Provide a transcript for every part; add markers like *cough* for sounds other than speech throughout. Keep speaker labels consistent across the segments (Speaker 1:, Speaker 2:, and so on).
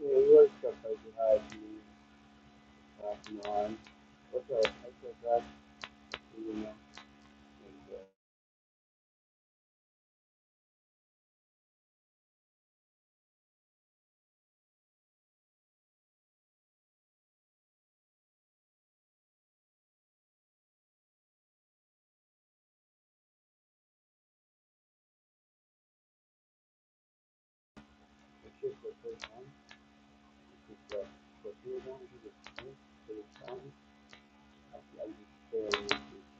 Speaker 1: Yeah, you always got like you hide me off and on. What's up? I said that to you know, and uh, the kids that play on, because uh, what you want to do is for the time, I I just feel like it's,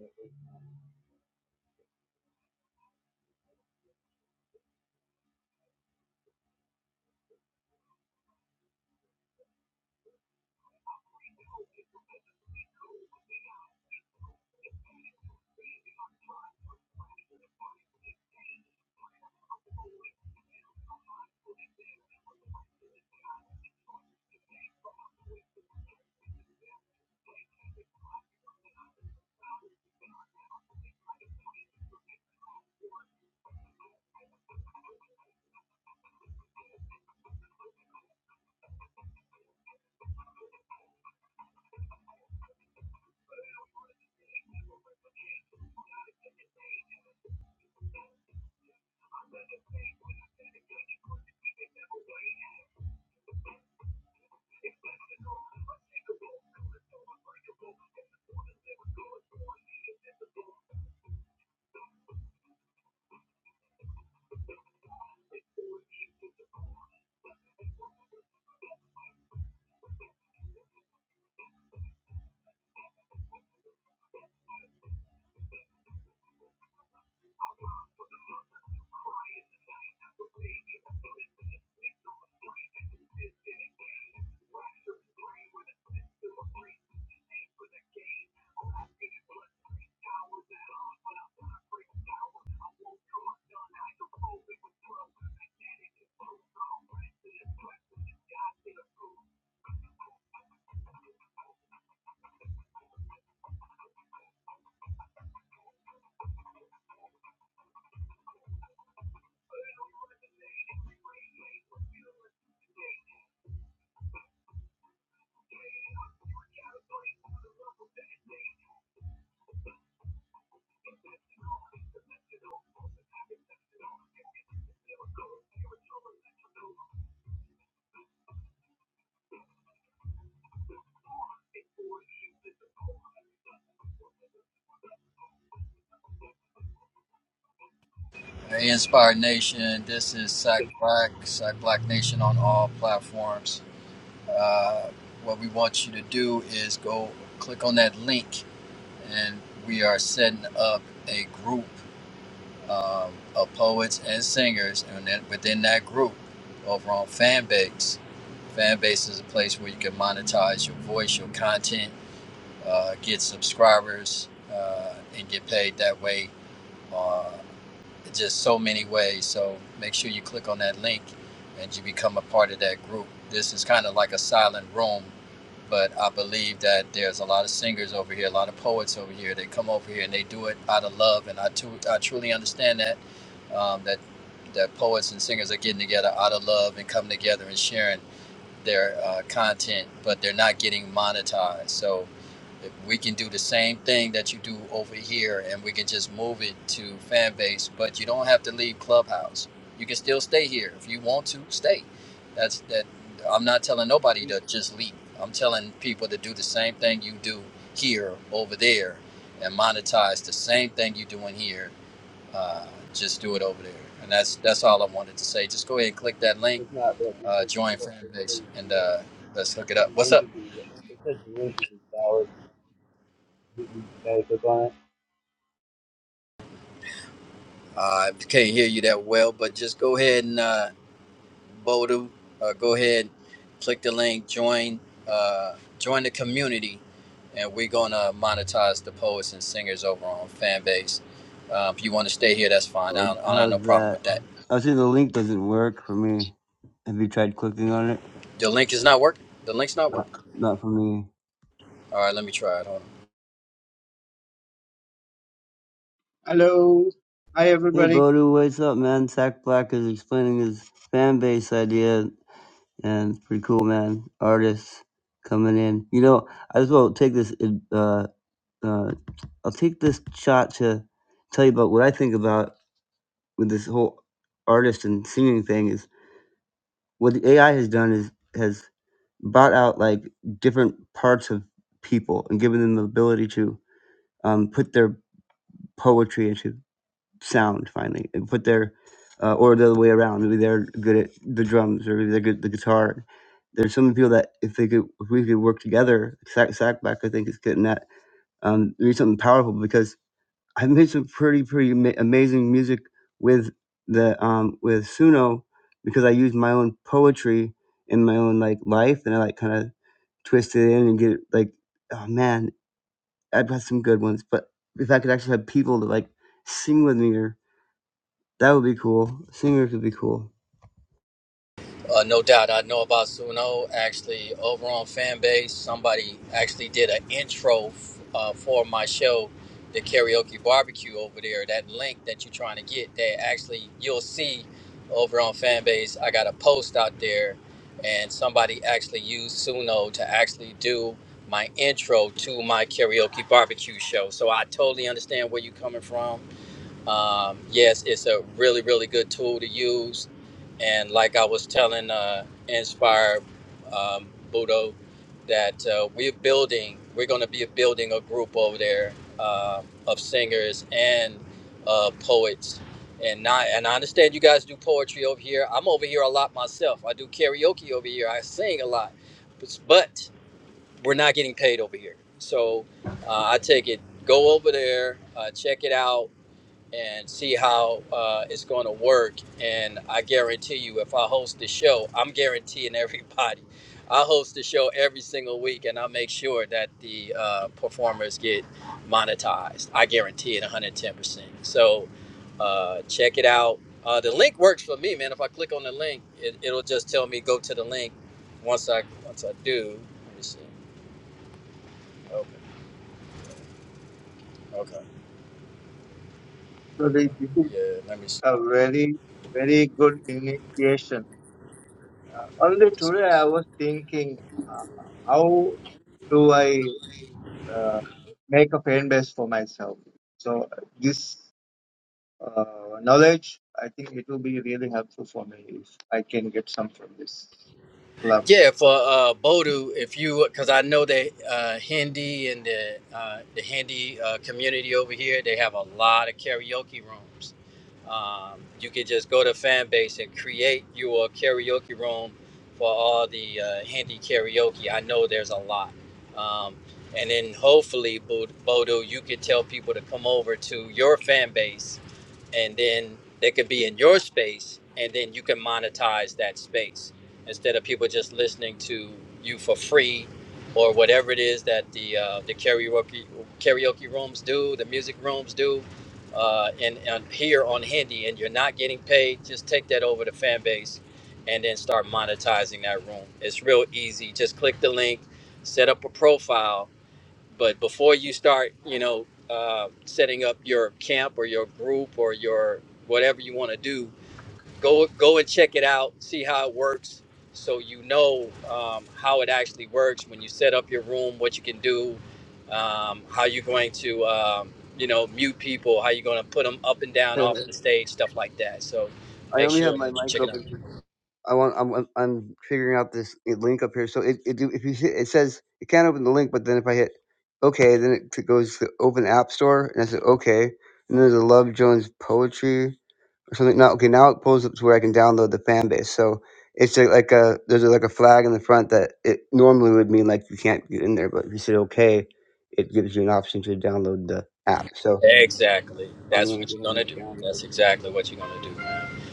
Speaker 1: uh, at
Speaker 2: Hey, Inspired Nation, this is Sack Black, Sack Black Nation on all platforms. Uh, what we want you to do is go click on that link, and we are setting up a group um, of poets and singers, and then within that group, over on Fanbase. Fanbase is a place where you can monetize your voice, your content, uh, get subscribers, uh, and get paid that way. Uh, just so many ways. So make sure you click on that link and you become a part of that group. This is kind of like a silent room, but I believe that there's a lot of singers over here, a lot of poets over here. They come over here and they do it out of love, and I too, I truly understand that um, that that poets and singers are getting together out of love and coming together and sharing their uh, content, but they're not getting monetized. So we can do the same thing that you do over here and we can just move it to fan base but you don't have to leave clubhouse you can still stay here if you want to stay that's that i'm not telling nobody
Speaker 1: least
Speaker 2: to just leave i'm telling people to do the same thing you do here over there and monetize the same thing you doing here uh, just do it over there and that's that's all i wanted to say just go ahead and click that link
Speaker 1: it's not that it
Speaker 2: uh,
Speaker 1: says the
Speaker 2: join
Speaker 1: fo-
Speaker 2: fan
Speaker 1: it
Speaker 2: base
Speaker 1: says
Speaker 2: and
Speaker 1: the uh,
Speaker 2: uh, let's
Speaker 1: it
Speaker 2: hook it
Speaker 1: says
Speaker 2: up
Speaker 1: the
Speaker 2: what's
Speaker 1: link
Speaker 2: up
Speaker 1: is in- it says the link is invalid. Did you try to click on it?
Speaker 2: Uh, I can't hear you that well, but just go ahead and uh, Bodu, uh, go ahead, click the link, join, uh, join the community, and we're gonna monetize the poets and singers over on Fanbase. Uh, if you want to stay here, that's fine. I
Speaker 1: Oh,
Speaker 2: don't, I don't have no
Speaker 1: how's
Speaker 2: problem
Speaker 1: that?
Speaker 2: with that.
Speaker 1: I was saying the link doesn't work for me. Have you tried clicking on it?
Speaker 2: The link is not working. The link's not working.
Speaker 1: Not for me.
Speaker 2: All right, let me try it. Hold on.
Speaker 3: Hello. Hi,
Speaker 1: Hey,
Speaker 3: everybody.
Speaker 1: Bodu, what's up, man? Sack Black is explaining his fan base idea, and it's pretty cool, man. Artists coming in. You know, I just will take this. Uh, uh, I'll take this shot to tell you about what I think about with this whole artist and singing thing. Is what the AI has done is has brought out like different parts of people and given them the ability to um, put their poetry into. sound finally and put their uh, or the other way around maybe they're good at the drums or maybe they're good at the guitar there's so many people that if they could if we could work together sack sackback i think is getting that um do something powerful because i've made some pretty pretty ama- amazing music with the um with suno because i use my own poetry in my own like life and i like kind of twist it in and get it like oh man i've got some good ones but if i could actually have people to like sing with me or that would be cool. Singers would be cool.
Speaker 2: Uh, no doubt, I know about Suno. Actually, over on Fanbase, somebody actually did an intro f- uh, for my show, the Karaoke Barbecue over there. That link that you're trying to get, there actually you'll see over on Fanbase. I got a post out there, and somebody actually used Suno to actually do my intro to my karaoke barbecue show. So I totally understand where you're coming from um, yes, it's a really, really good tool to use. And like I was telling uh, Inspire um, Budo, that uh, we're building, we're going to be building a group over there uh, of singers and uh, poets. And I, and I understand you guys do poetry over here. I'm over here a lot myself. I do karaoke over here. I sing a lot. But, but we're not getting paid over here. So uh, I take it, go over there, uh, check it out and see how uh, it's going to work. And I guarantee you, if I host the show, I'm guaranteeing *laughs* everybody. I host the show every single week, and I make sure that the uh, performers get monetized. I guarantee it 110%. So uh, check it out. Uh, the link works for me, man. If I click on the link, it, it'll just tell me go to the link. Once I once I do, let me see. Okay, okay, okay.
Speaker 3: So this this is
Speaker 2: Yeah, let me see.
Speaker 3: a very, very good initiation. Uh, only
Speaker 2: what this
Speaker 3: today
Speaker 2: is.
Speaker 3: I was thinking, uh, how do I uh, make a fan base for myself? So uh, this uh, knowledge, I think it will be really helpful for me if I can get some from this club.
Speaker 2: Yeah, for uh, Bodu, if you, because I know that uh, Hindi and the uh, the Hindi uh, community over here, they have a lot of karaoke rooms. Um, you could just go to fan base and create your karaoke room for all the uh, Hindi karaoke. I know there's a lot, um, and then hopefully, Bodu, Bodu, you could tell people to come over to your fan base and then they could be in your space and then you can monetize that space instead of people just listening to you for free or whatever it is that the uh, the karaoke karaoke rooms do the music rooms do uh, and, and here on Hindi and you're not getting paid just take that over to fan base and then start monetizing that room it's real easy just click the link set up a profile but before you start you know uh, setting up your camp or your group or your whatever you want to do go go and check it out see how it works so you know um, how it actually works when you set up your room what you can do um, how you're going to um, you know mute people how you're going to put them up and
Speaker 1: *laughs*
Speaker 2: down off the
Speaker 1: I
Speaker 2: stage stuff like that so make
Speaker 1: only have
Speaker 2: sure
Speaker 1: my
Speaker 2: that you
Speaker 1: mic
Speaker 2: check it out
Speaker 1: open. I want. I'm. I'm figuring out this link up here. So it. it if you hit, it says it can't open the link, but then if I hit OK, then it goes to Open App Store, and I said OK, and then there's a Love Jones poetry or something. Now okay, now it pulls up to where I can download the fan base. So it's a, like a there's a, like a flag in the front that it normally would mean like you can't get in there, but if you say OK, it gives you an option to download the app. So
Speaker 2: exactly
Speaker 1: I'm
Speaker 2: that's
Speaker 1: gonna
Speaker 2: what
Speaker 1: go
Speaker 2: you're
Speaker 1: ahead
Speaker 2: going
Speaker 1: and
Speaker 2: to do
Speaker 1: download.
Speaker 2: that's exactly what you're going to do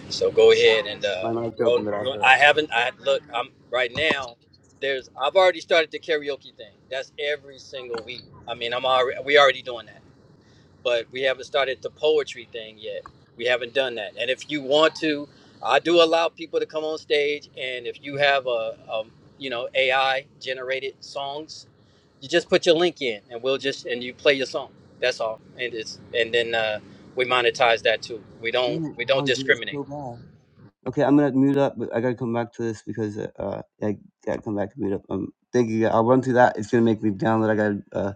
Speaker 2: So go ahead and uh,
Speaker 1: My mic's
Speaker 2: roll.
Speaker 1: open, but I'll
Speaker 2: roll-
Speaker 1: shut up.
Speaker 2: I haven't. I look. I'm right now. There's. I've already started the karaoke thing. That's every single week. I mean, I'm already. We already doing that, but we haven't started the poetry thing yet. We haven't done that. And if you want to, I do allow people to come on stage. And if you have a, a you know, AI generated songs, you just put your link in, and we'll just and you play your song. That's all. And it's and then uh, we monetize that too. We don't.
Speaker 1: Dang it,
Speaker 2: We
Speaker 1: I
Speaker 2: don't
Speaker 1: want to do that
Speaker 2: discriminate.
Speaker 1: so bad. Okay, I'm gonna mute up, but I gotta come back to this because uh, uh, I gotta come back to mute up. Um, thank you. I'll run through that. It's gonna make me download. I gotta uh,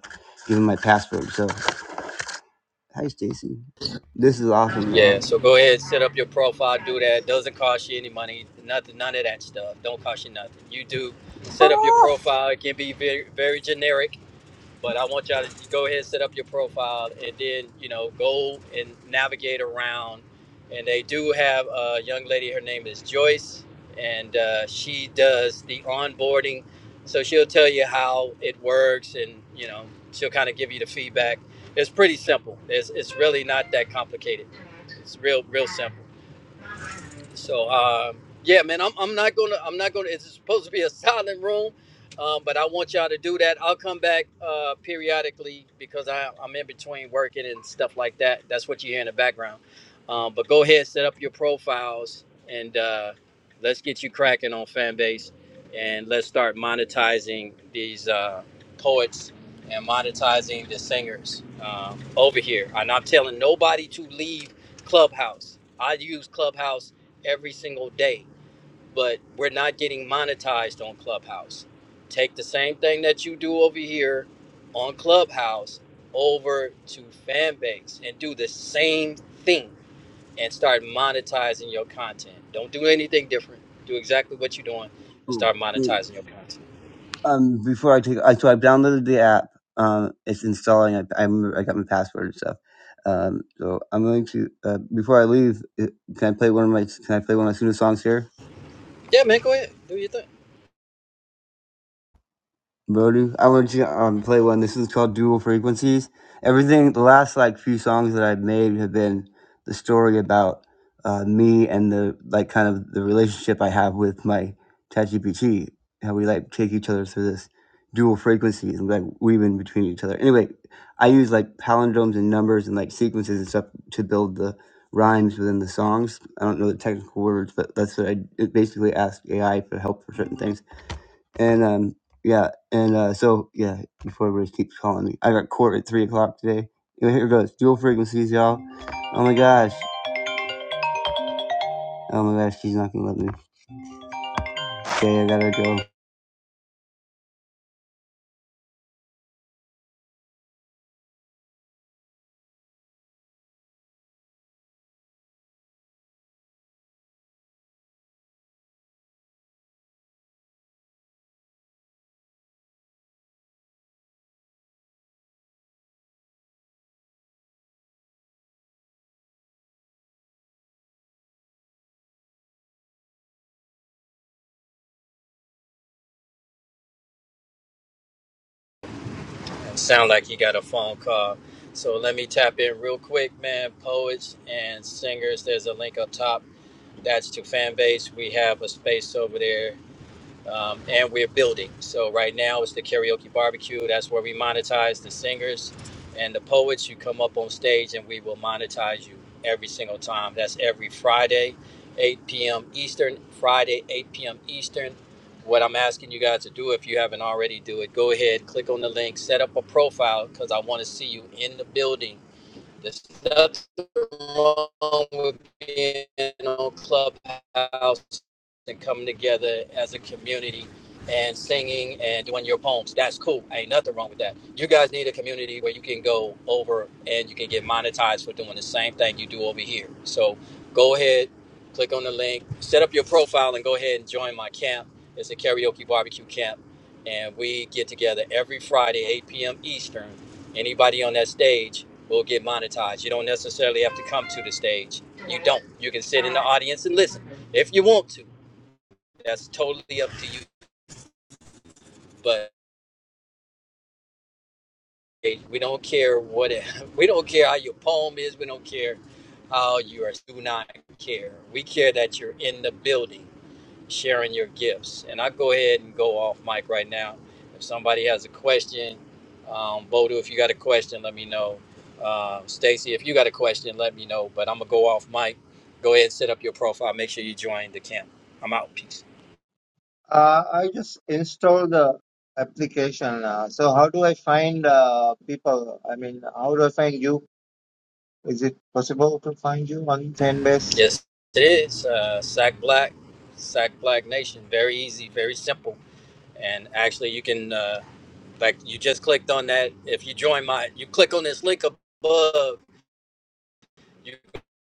Speaker 1: give him my password. So, hi, Stacy. This is awesome. Uh,
Speaker 2: Yeah, so go ahead, set up your profile, do that. Doesn't cost you any money, nothing, none of that stuff. Don't cost you nothing. You do set up your
Speaker 1: Wow.
Speaker 2: profile. It can be very, very generic, but I want y'all to go ahead and set up your profile, and then you know go and navigate around. And they do have a young lady. Her name is Joyce, and uh, she does the onboarding. So she'll tell you how it works, and you know she'll kind of give you the feedback. It's pretty simple. It's it's really not that complicated. It's real, real simple. So um, yeah, man, I'm, I'm not gonna I'm not gonna. It's supposed to be a *laughs* silent room, um, but I want y'all to do that. I'll come back uh, periodically because I, I'm in between working and stuff like that. That's what you hear in the background. Um, but go ahead, set up your profiles, and uh, let's get you cracking on Fanbase, and let's start monetizing these uh, poets and monetizing the singers um, over here. And I'm telling nobody to leave Clubhouse. I use Clubhouse every single day, but we're not getting monetized on Clubhouse. Take the same thing that you do over here on Clubhouse over to Fanbase and do the same thing and start monetizing your content. Don't do anything different. Do exactly what you're doing and
Speaker 1: cool.
Speaker 2: start
Speaker 1: Wait,
Speaker 2: monetizing your content.
Speaker 1: um, before I take, I so I've downloaded the app. Um, it's installing. I I, remember I got my password and stuff. Um, so I'm going to uh, before I leave. uh, Can I play one of my? Can I play one of my student songs here?
Speaker 2: Yeah, man, go ahead. Do your thing.
Speaker 1: Brody, I want you to um, play one. This is called Dual Frequencies. Everything, the last like few songs that I've made have been the story about uh, me and the like kind of the relationship I have with my ChatGPT, how we like take each other through this dual frequencies and like weaving between each other. Anyway, I use like palindromes and numbers and like sequences and stuff to build the rhymes within the songs. I don't know the technical words, but that's what I it basically asked AI for help for certain things. And um, yeah, and uh, so yeah, before everybody keeps calling me, I got court at three o'clock today. Anyway, here it goes, dual frequencies, y'all. Oh my gosh, oh my gosh, she's not gonna let me. Okay, I gotta go.
Speaker 2: Sound like he got a phone call. So let me tap in real quick, man. Poets and singers, there's a link up top. That's to fan base. We have a space over there um, and we're building. So right now it's the karaoke barbecue. That's where we monetize the singers and the poets. You come up on stage, and we will monetize you every single time. That's every Friday, 8 p.m. Eastern. Friday, 8 p.m. Eastern. What I'm asking you guys to do, if you haven't already, do it. Go ahead, click on the link, set up a profile, because I want to see you in the building there's nothing wrong with being on Clubhouse and coming together as a community and singing and doing your poems. That's cool. Ain't nothing wrong with that. You guys need a community where you can go over and you can get monetized for doing the same thing you do over here. So go ahead, click on the link, set up your profile, and go ahead and join my camp. It's a karaoke barbecue camp. And we get together every Friday, 8 p.m. Eastern Anybody on that stage will get monetized. You don't necessarily have to come to the stage. You don't. You can sit in the audience and listen if you want to. That's totally up to you. But hey, we don't care what it, *laughs* we don't care how your poem is. We don't care how you are. Do not care. We care that you're in the building sharing your gifts. And I go ahead and go off mic right now. If somebody has a question, um, Bodo, if you got a question, let me know. Uh, Stacy, if you got a question, let me know. But I'm gonna go off mic. Go ahead, set up your profile. Make sure you join the camp. I'm out. Peace.
Speaker 3: Uh, I just installed the application. Uh, so how do I find uh, people? I mean, how do I find you Is it possible to find you on Fanbase?
Speaker 2: Yes, it is. Uh, Sack Black, Sack Black Nation. Very easy, very simple. And actually, you can. Uh, like you just clicked on that. If you join my, you click on this link above you're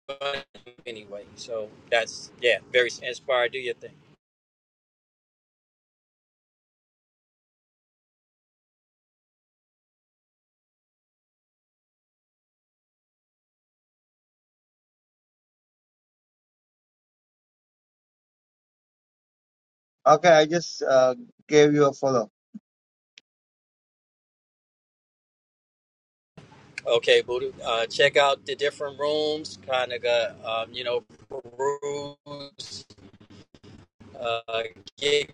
Speaker 2: gonna do anyway. So that's yeah, very inspired. Do your thing.
Speaker 3: Okay, I just uh, gave you a follow.
Speaker 2: Okay, Buddha. Uh, check out the different rooms. Kind of got um, you know peruse. Uh, get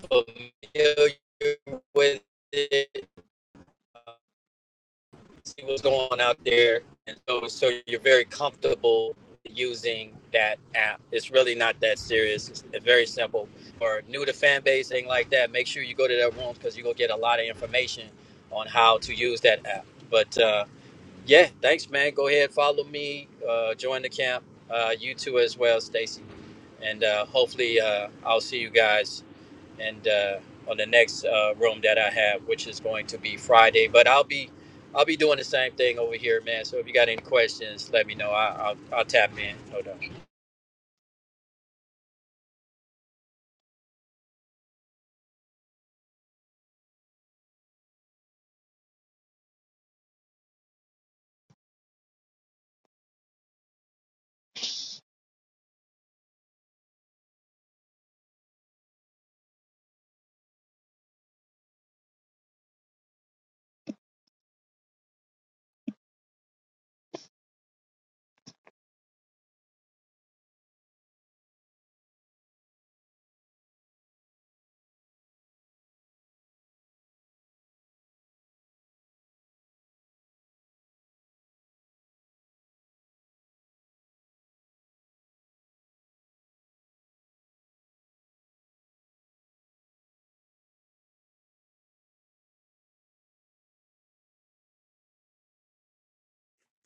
Speaker 2: familiar with it. see what's going on out there. And so, so you're very comfortable using that app. It's really not that serious. It's very simple. Or new to fan base, thing like that. Make sure you go to their rooms because you're gonna get a lot of information on how to use that app. But uh, yeah, thanks, man. Go ahead, follow me, uh, join the camp. Uh, you too as well, Stacy. And uh, hopefully, uh, I'll see you guys and uh, on the next uh, room that I have, which is going to be Friday. But I'll be I'll be doing the same thing over here, man. So if you got any questions, let me know. I, I'll I'll tap in, no doubt.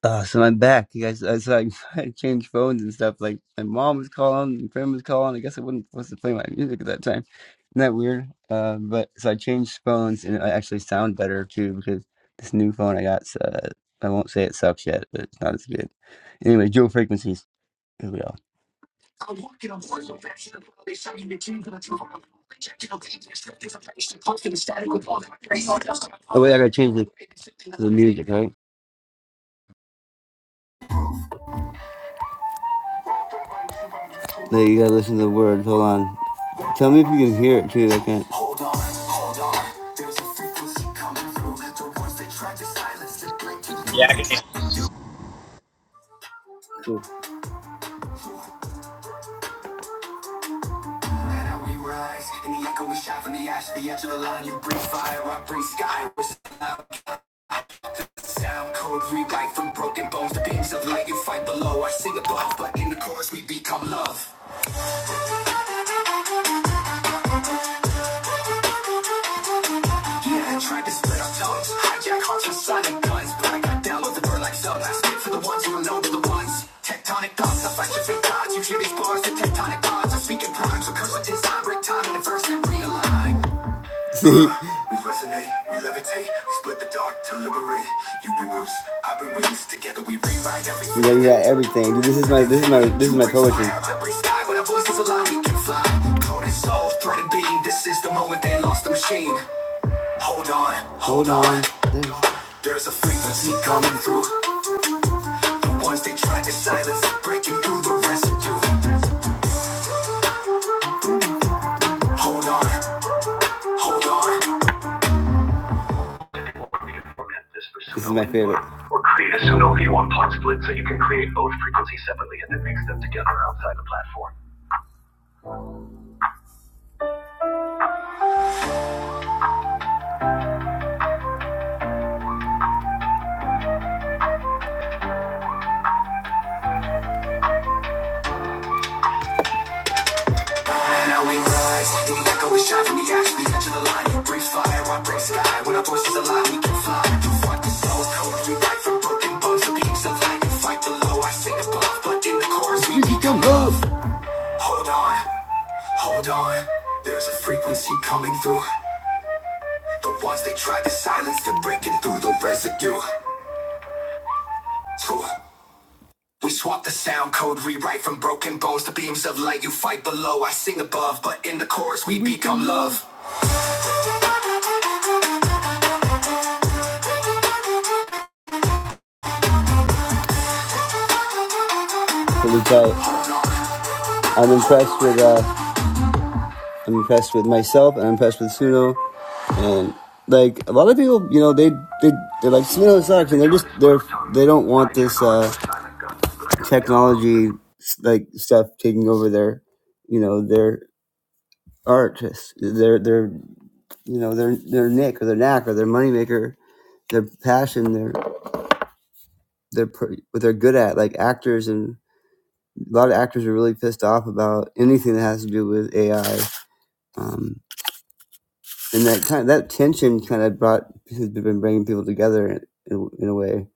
Speaker 1: Uh, so I'm back, you guys. Uh, so I, *laughs* I changed phones and stuff. Like my mom was calling, my friend was calling. I guess I wasn't supposed to play my music at that time. Isn't that weird? Uh, but so I changed phones, and I actually sound better too because this new phone I got. Uh, I won't say it sucks yet, but it's not as good. Anyway, dual frequencies. Here we are. Oh wait, I gotta change the music, right? No, you gotta listen to the words. Hold on. Tell me if you can hear it too. I can't.
Speaker 2: Yeah, I can. hear
Speaker 1: Cool. Yeah, I tried to split our tongues. Hijack hearts with sonic guns. But I got down with the bird like subs. I spit for the ones who are known to the ones. Tectonic thoughts, I fight you for gods. You hear these bars, the tectonic odds. I'm speaking rhymes, recurse with design. Break time in the verse and realign. We resonate, we levitate. We split the dark to liberate. You bring roots, I bring wings. Together we rewrite everything. Yeah, you got everything. Dude, this is my this is my this is my poetry. every sky. When our voices align, we can fly. Code and soul, thread and beam. This is the moment they lost the machine. Hold on, hold on. There's a frequency coming through. The ones they tried to silence, breaking through the residue. Hold on, hold on. This is my favorite. Or create a pseudo V1 plot split so you can create both frequencies separately and then mix them together outside the platform. And now we rise, the echo is shot from the ash, the edge the line. Breathe fire, I break sky, when our voices align, we close code, we write from broken bones, the beams of light, fight the low, I sing above, but in the chorus we become love. Hold on, hold on. There's a frequency coming through. The ones they tried to silence, they're breaking through the residue. We swap the sound code, rewrite from broken bones to beams of light. You fight below, I sing above, but in the chorus we become love. Really tight. I'm impressed with uh, I'm impressed with myself, and I'm impressed with Suno, and like a lot of people, you know, they they they're like Suno sucks, and they're just they're they don't want this. Uh, technology like stuff taking over their you know their artists their their you know their their nick or their knack or their moneymaker their passion their their pr- what they're good at like actors and a lot of actors are really pissed off about anything that has to do with AI um, and that kind that tension kind of brought has been bringing people together in, in in a way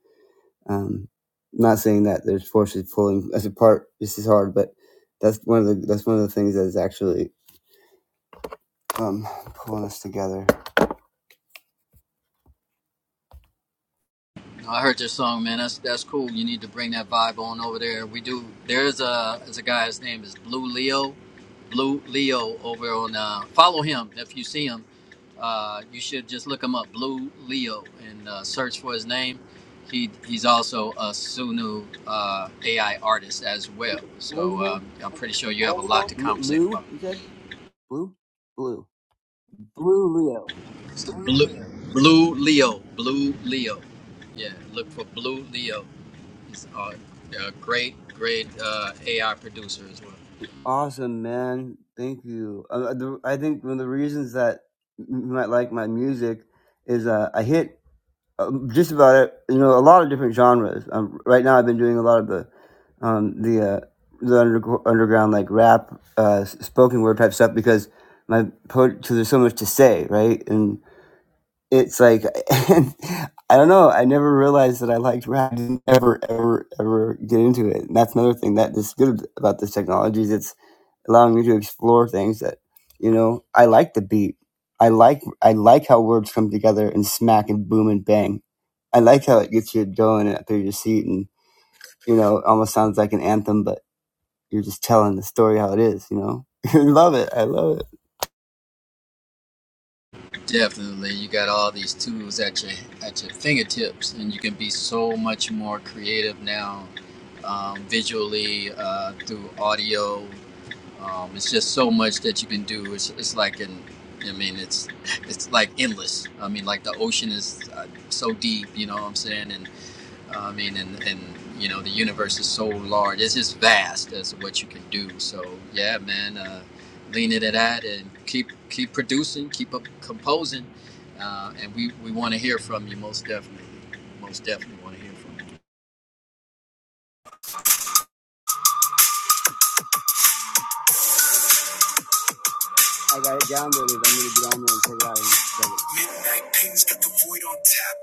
Speaker 1: um, not saying that there's forces pulling us apart this is hard but that's one of the that's one of the things that is actually um pulling this together.
Speaker 2: I heard your song, man. That's that's cool. You need to bring that vibe on over there. We do. There's a there's a guy. His name is Blue Leo. Blue Leo over on. Uh, follow him if you see him. Uh, you should just look him up, Blue Leo, and uh, search for his name. He he's also a Sunu uh, AI artist as well.
Speaker 1: What was his
Speaker 2: So
Speaker 1: name?
Speaker 2: um, I'm pretty sure you have a lot to
Speaker 1: L-
Speaker 2: conversate
Speaker 1: Lou,
Speaker 2: about.
Speaker 1: he said? Blue? Blue. Blue Leo.
Speaker 2: Blue Blue Leo. Blue Leo. Yeah, look for Blue Leo. He's a, a great, great uh, AI producer as well.
Speaker 1: Awesome, man. Thank you. Uh, uh, the, I think one of the reasons that you might like my music is uh, I hit uh, just about it, you know, a lot of different genres. Um, right now, I've been doing a lot of the um, the uh, the under- underground like rap, uh, s- spoken word type stuff because my poet, 'cause there's so much to say, right? and. it's like *laughs* and I don't know. I never realized that I liked rap. I didn't ever, ever, ever get into it. And that's another thing that is good about this technology is it's allowing me to explore things that you know. I like the beat. I like I like how words come together and smack and boom and bang. I like how it gets you going up through your seat and you know it almost sounds like an anthem, but you're just telling the story how it is. You know, *laughs* I love it. I love it.
Speaker 2: Definitely, you got all these tools at your at your fingertips, and you can be so much more creative now, um, visually uh, through audio. Um, it's just so much that you can do. It's, it's like an, I mean, it's it's like endless. I mean, like the ocean is uh, so deep. You know what I'm saying? And I mean, and, and you know, the universe is so large. It's just vast as to what you can do. So yeah, man, uh, lean into that and keep keep producing, keep up composing, uh, and we we want to hear from you most definitely, most definitely want to hear from you.
Speaker 1: I got it downloaded. I need to get on there and check it out. Midnight pins got the void on tap.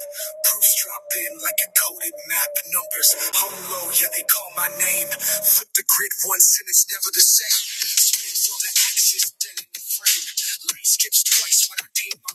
Speaker 1: Proofs drop in like a coded map. Numbers hung low, yeah, they call my name. Flip the grid once and it's never the same. Spins on the axis, dead in the frame. Light skips twice when I paint my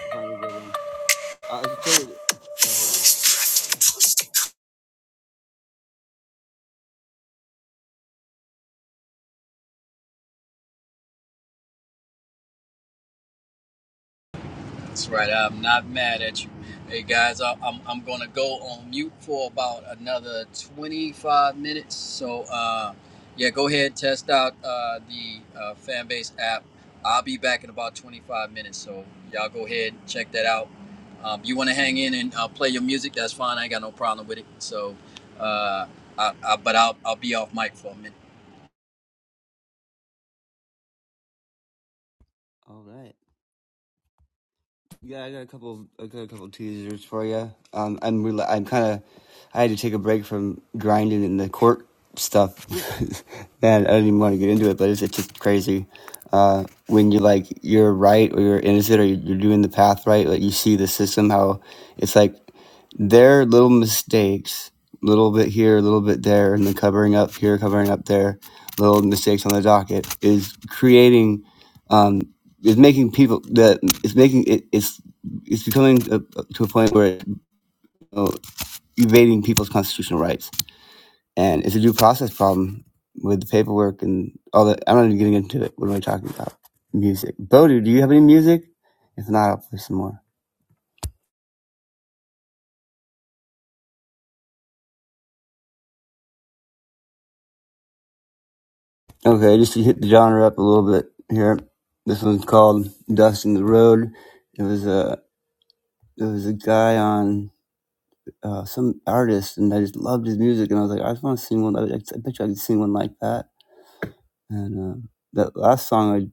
Speaker 1: flame. Oh, Uh,
Speaker 2: That's right. I'm not mad at you. Hey guys, I- I'm I'm gonna go on mute for about another 25 minutes. So uh, yeah, go ahead and test out uh, the uh, fan app. I'll be back in about 25 minutes. So y'all go ahead and check that out. Um, you want to hang in and uh, play your music? That's fine. I ain't got no problem with it. So, uh, I, I, but I'll I'll be off mic for a minute.
Speaker 1: All right. Yeah, I got a couple. I got a couple teasers for you. Um, I'm rela I'm kind of. I had to take a break from grinding in the court stuff. *laughs* Man, I do not even want to get into it, but it's, it's just crazy. Uh, when you like you're right or you're innocent or you- you're doing the path right, like you see the system how it's like their little mistakes, little bit here, a little bit there, and the covering up here, covering up there, little mistakes on the docket is creating. um it's making people that it's making it, it's it's becoming a, to a point where it's you know, evading people's constitutional rights, and it's a due process problem with the paperwork and all that. I'm not even getting into it. What am I talking about? Music. Bodu, do you have any music? If not, I'll play some more. Okay, just to hit the genre up a little bit here. This one's called "Dust in the Road." It was a it was a guy on uh, some artist, and I just loved his music, and I was like, I just want to sing one. I, bet you I could sing one like that And um, that last song, I,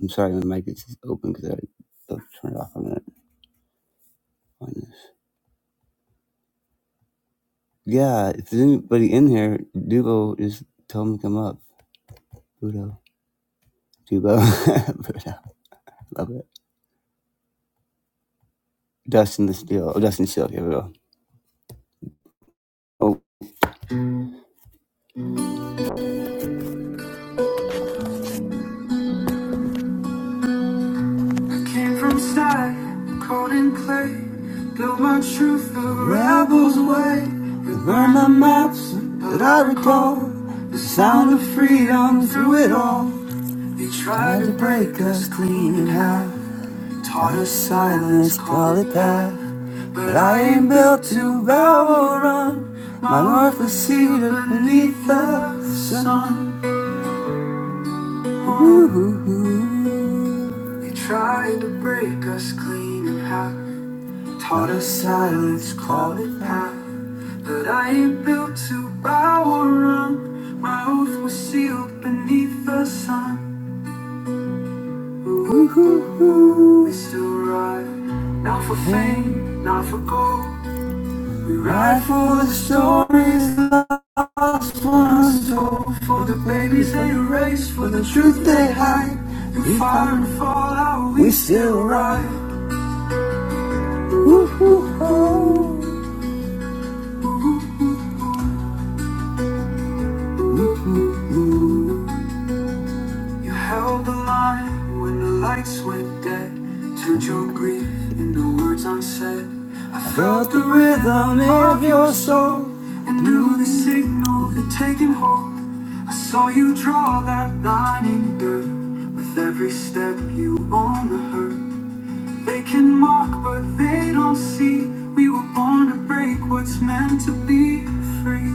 Speaker 1: I'm sorry, my mic is open because I I'll turn it off on, it, on this. Yeah, if there's anybody in here, Dubo, just tell them to come up. Budo. Dubo. *laughs* Budo. Love it. Dustin the Steel. Oh, Dustin Steel. Here we go. Oh. Rebels away, they burn the maps that I recall. The sound of freedom through it all. Tried to break us clean in half. Taught us silence, call it that. But I ain't built to Babylon. My life is seated beneath the sun. We still ride. Woo-hoo-hoo. You held the line when the lights went dead. Turned your grief into words unsaid. Felt the rhythm of your soul and knew the signal had taken hold. I saw you draw that line in dirt. With every step you own the hurt. They can mock, but they don't see. We were born to break what's meant to be free.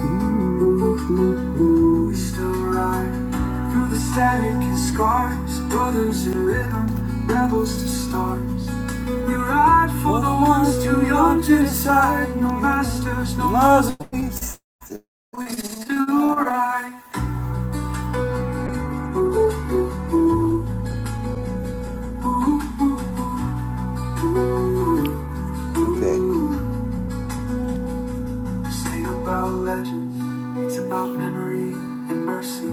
Speaker 1: Ooh, we still ride through the static and scars. Brothers in rhythm, rebels to stars. We ride for the ones too young to decide. No masters, no laws. We still ride. Okay. Sing about legends. It's about memory and mercy.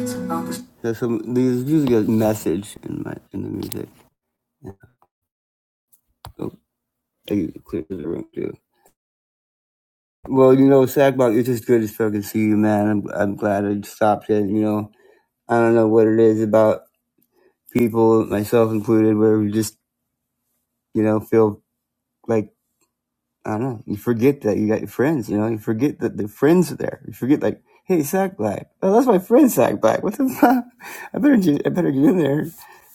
Speaker 1: It's about the. There's some. There's usually a message in my in the music. So I get it clear to the room too. Well, you know, Sackbot, it's just good as fucking see you, man. I'm I'm glad I stopped it. You know, I don't know what it is about people, myself included, where we just you know feel like I don't know. You forget that you got your friends. You know, you forget that the friends are there. You forget like, hey, Sack Black. Oh, that's my friend Sack Black. *laughs* What the fuck? I better get, I better get in there.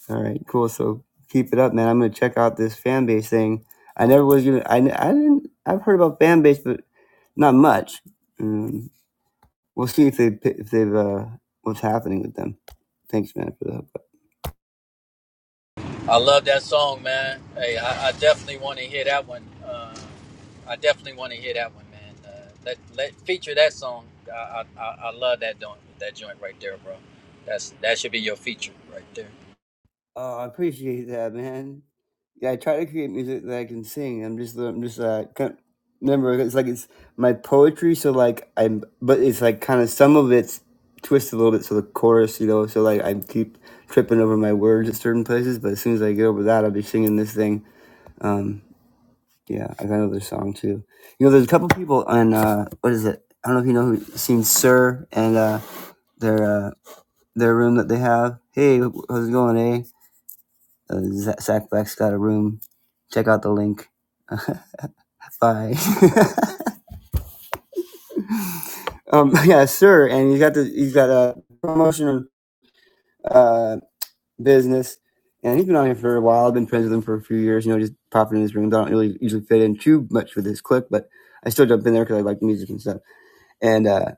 Speaker 1: All right, cool. So keep it up, man. I'm gonna check out this fan base thing. I never was gonna. I, didn't. I've heard about fan base, but not much. Um, we'll see if they if they've uh, what's happening with them. Thanks, man, for the. help.
Speaker 2: I love that song, man. Hey, I, I definitely want to hear that one. Uh, I definitely want to hear that one, man. Uh, let let feature that song. I I, I I love that joint, that joint right there, bro. That's that should be your feature right there.
Speaker 1: Oh, I appreciate that, man. yeah, I try to create music that I can sing. I'm just, I'm just, uh, kind remember, it's like it's my poetry. So like I'm, but it's like kind of some of it's twisted a little bit. So the chorus, you know, so like I keep tripping over my words at certain places. But as soon as I get over that, I'll be singing this thing. Um, yeah, I got another song too. You know, there's a couple people on uh, what is it? I don't know if you know who seen Sir and uh, their uh, their room that they have. Hey, how's it going, eh? Uh, Zach Black's got a room. Check out the link. *laughs* Bye. *laughs* um, yeah, sure. And he's got the he's got a promotion uh, business, and he's been on here for a while. I've been friends with him for a few years. You know, just popping in his rooms. I don't really usually fit in too much with his clique, but I still jump in there because I like music and stuff. And uh,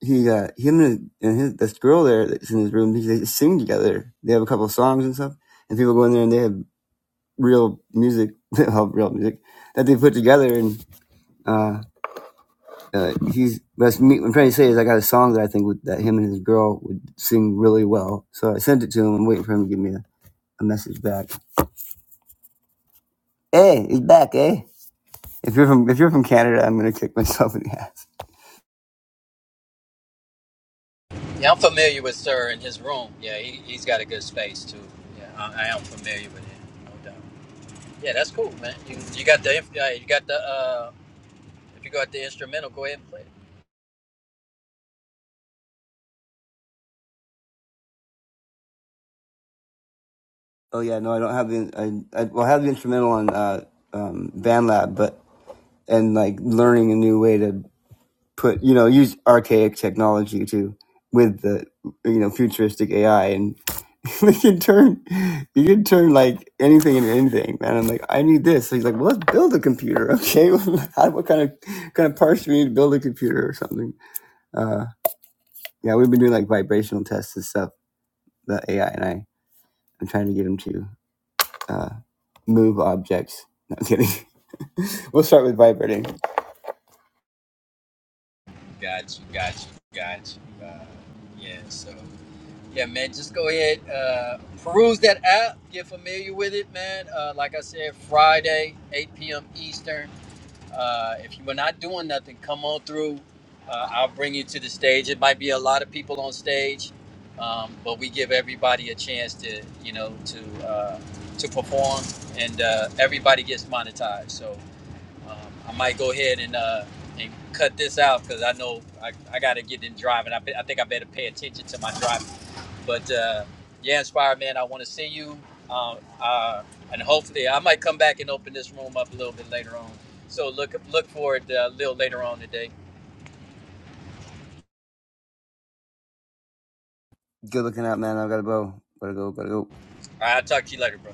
Speaker 1: he, uh, him and, his, and his, this girl there that's in his room, they, they sing together. They have a couple of songs and stuff, and people go in there and they have real music, *laughs* well, real music that they put together and Uh, uh, he's that's me. What I'm trying to say is I got a song that I think would, that him and his girl would sing really well. So I sent it to him. I'm waiting for him to give me a, a message back. Hey, he's back, eh? If you're from if you're from Canada, I'm gonna kick myself in the ass.
Speaker 2: Yeah, I'm familiar with Sir and his room. Yeah, he he's got a good space too. Yeah, I, I am familiar with him, no doubt. Yeah, that's cool, man. You you got the inf- uh, you got the uh, if you got the instrumental, go ahead and play it.
Speaker 1: Oh yeah, no, I don't have the I, I well I have the instrumental on uh, um, BandLab, but and like learning a new way to put you know use archaic technology to with the you know futuristic AI and. *laughs* we can turn you can turn like anything into anything man i'm like i need this so he's like well let's build a computer *laughs* okay *laughs* How, what kind of kind of parts do we need to build a computer or something uh yeah we've been doing like vibrational tests and stuff the ai and i i'm trying to get him to uh move objects not kidding *laughs* we'll start with vibrating
Speaker 2: Got you, got you, got you. Uh, yeah, so. Yeah, man, just go ahead, uh, peruse that app, get familiar with it, man. Uh, like I said, Friday, 8 p.m. Eastern. Uh, if you were not doing nothing, come on through. Uh, I'll bring you to the stage. It might be a lot of people on stage, um, but we give everybody a chance to, you know, to uh, to perform, and uh, everybody gets monetized. So um, I might go ahead and uh, and cut this out because I know I, I got to get in driving. I, be- I think I better pay attention to my driving. But uh, yeah, Inspire Man, I want to see you. Um, uh, and hopefully, I might come back and open this room up a little bit later on. So look look forward uh, a little later on today.
Speaker 1: good looking out man i've got a bow. gotta go gotta go
Speaker 2: All right, I'll talk to you later, bro.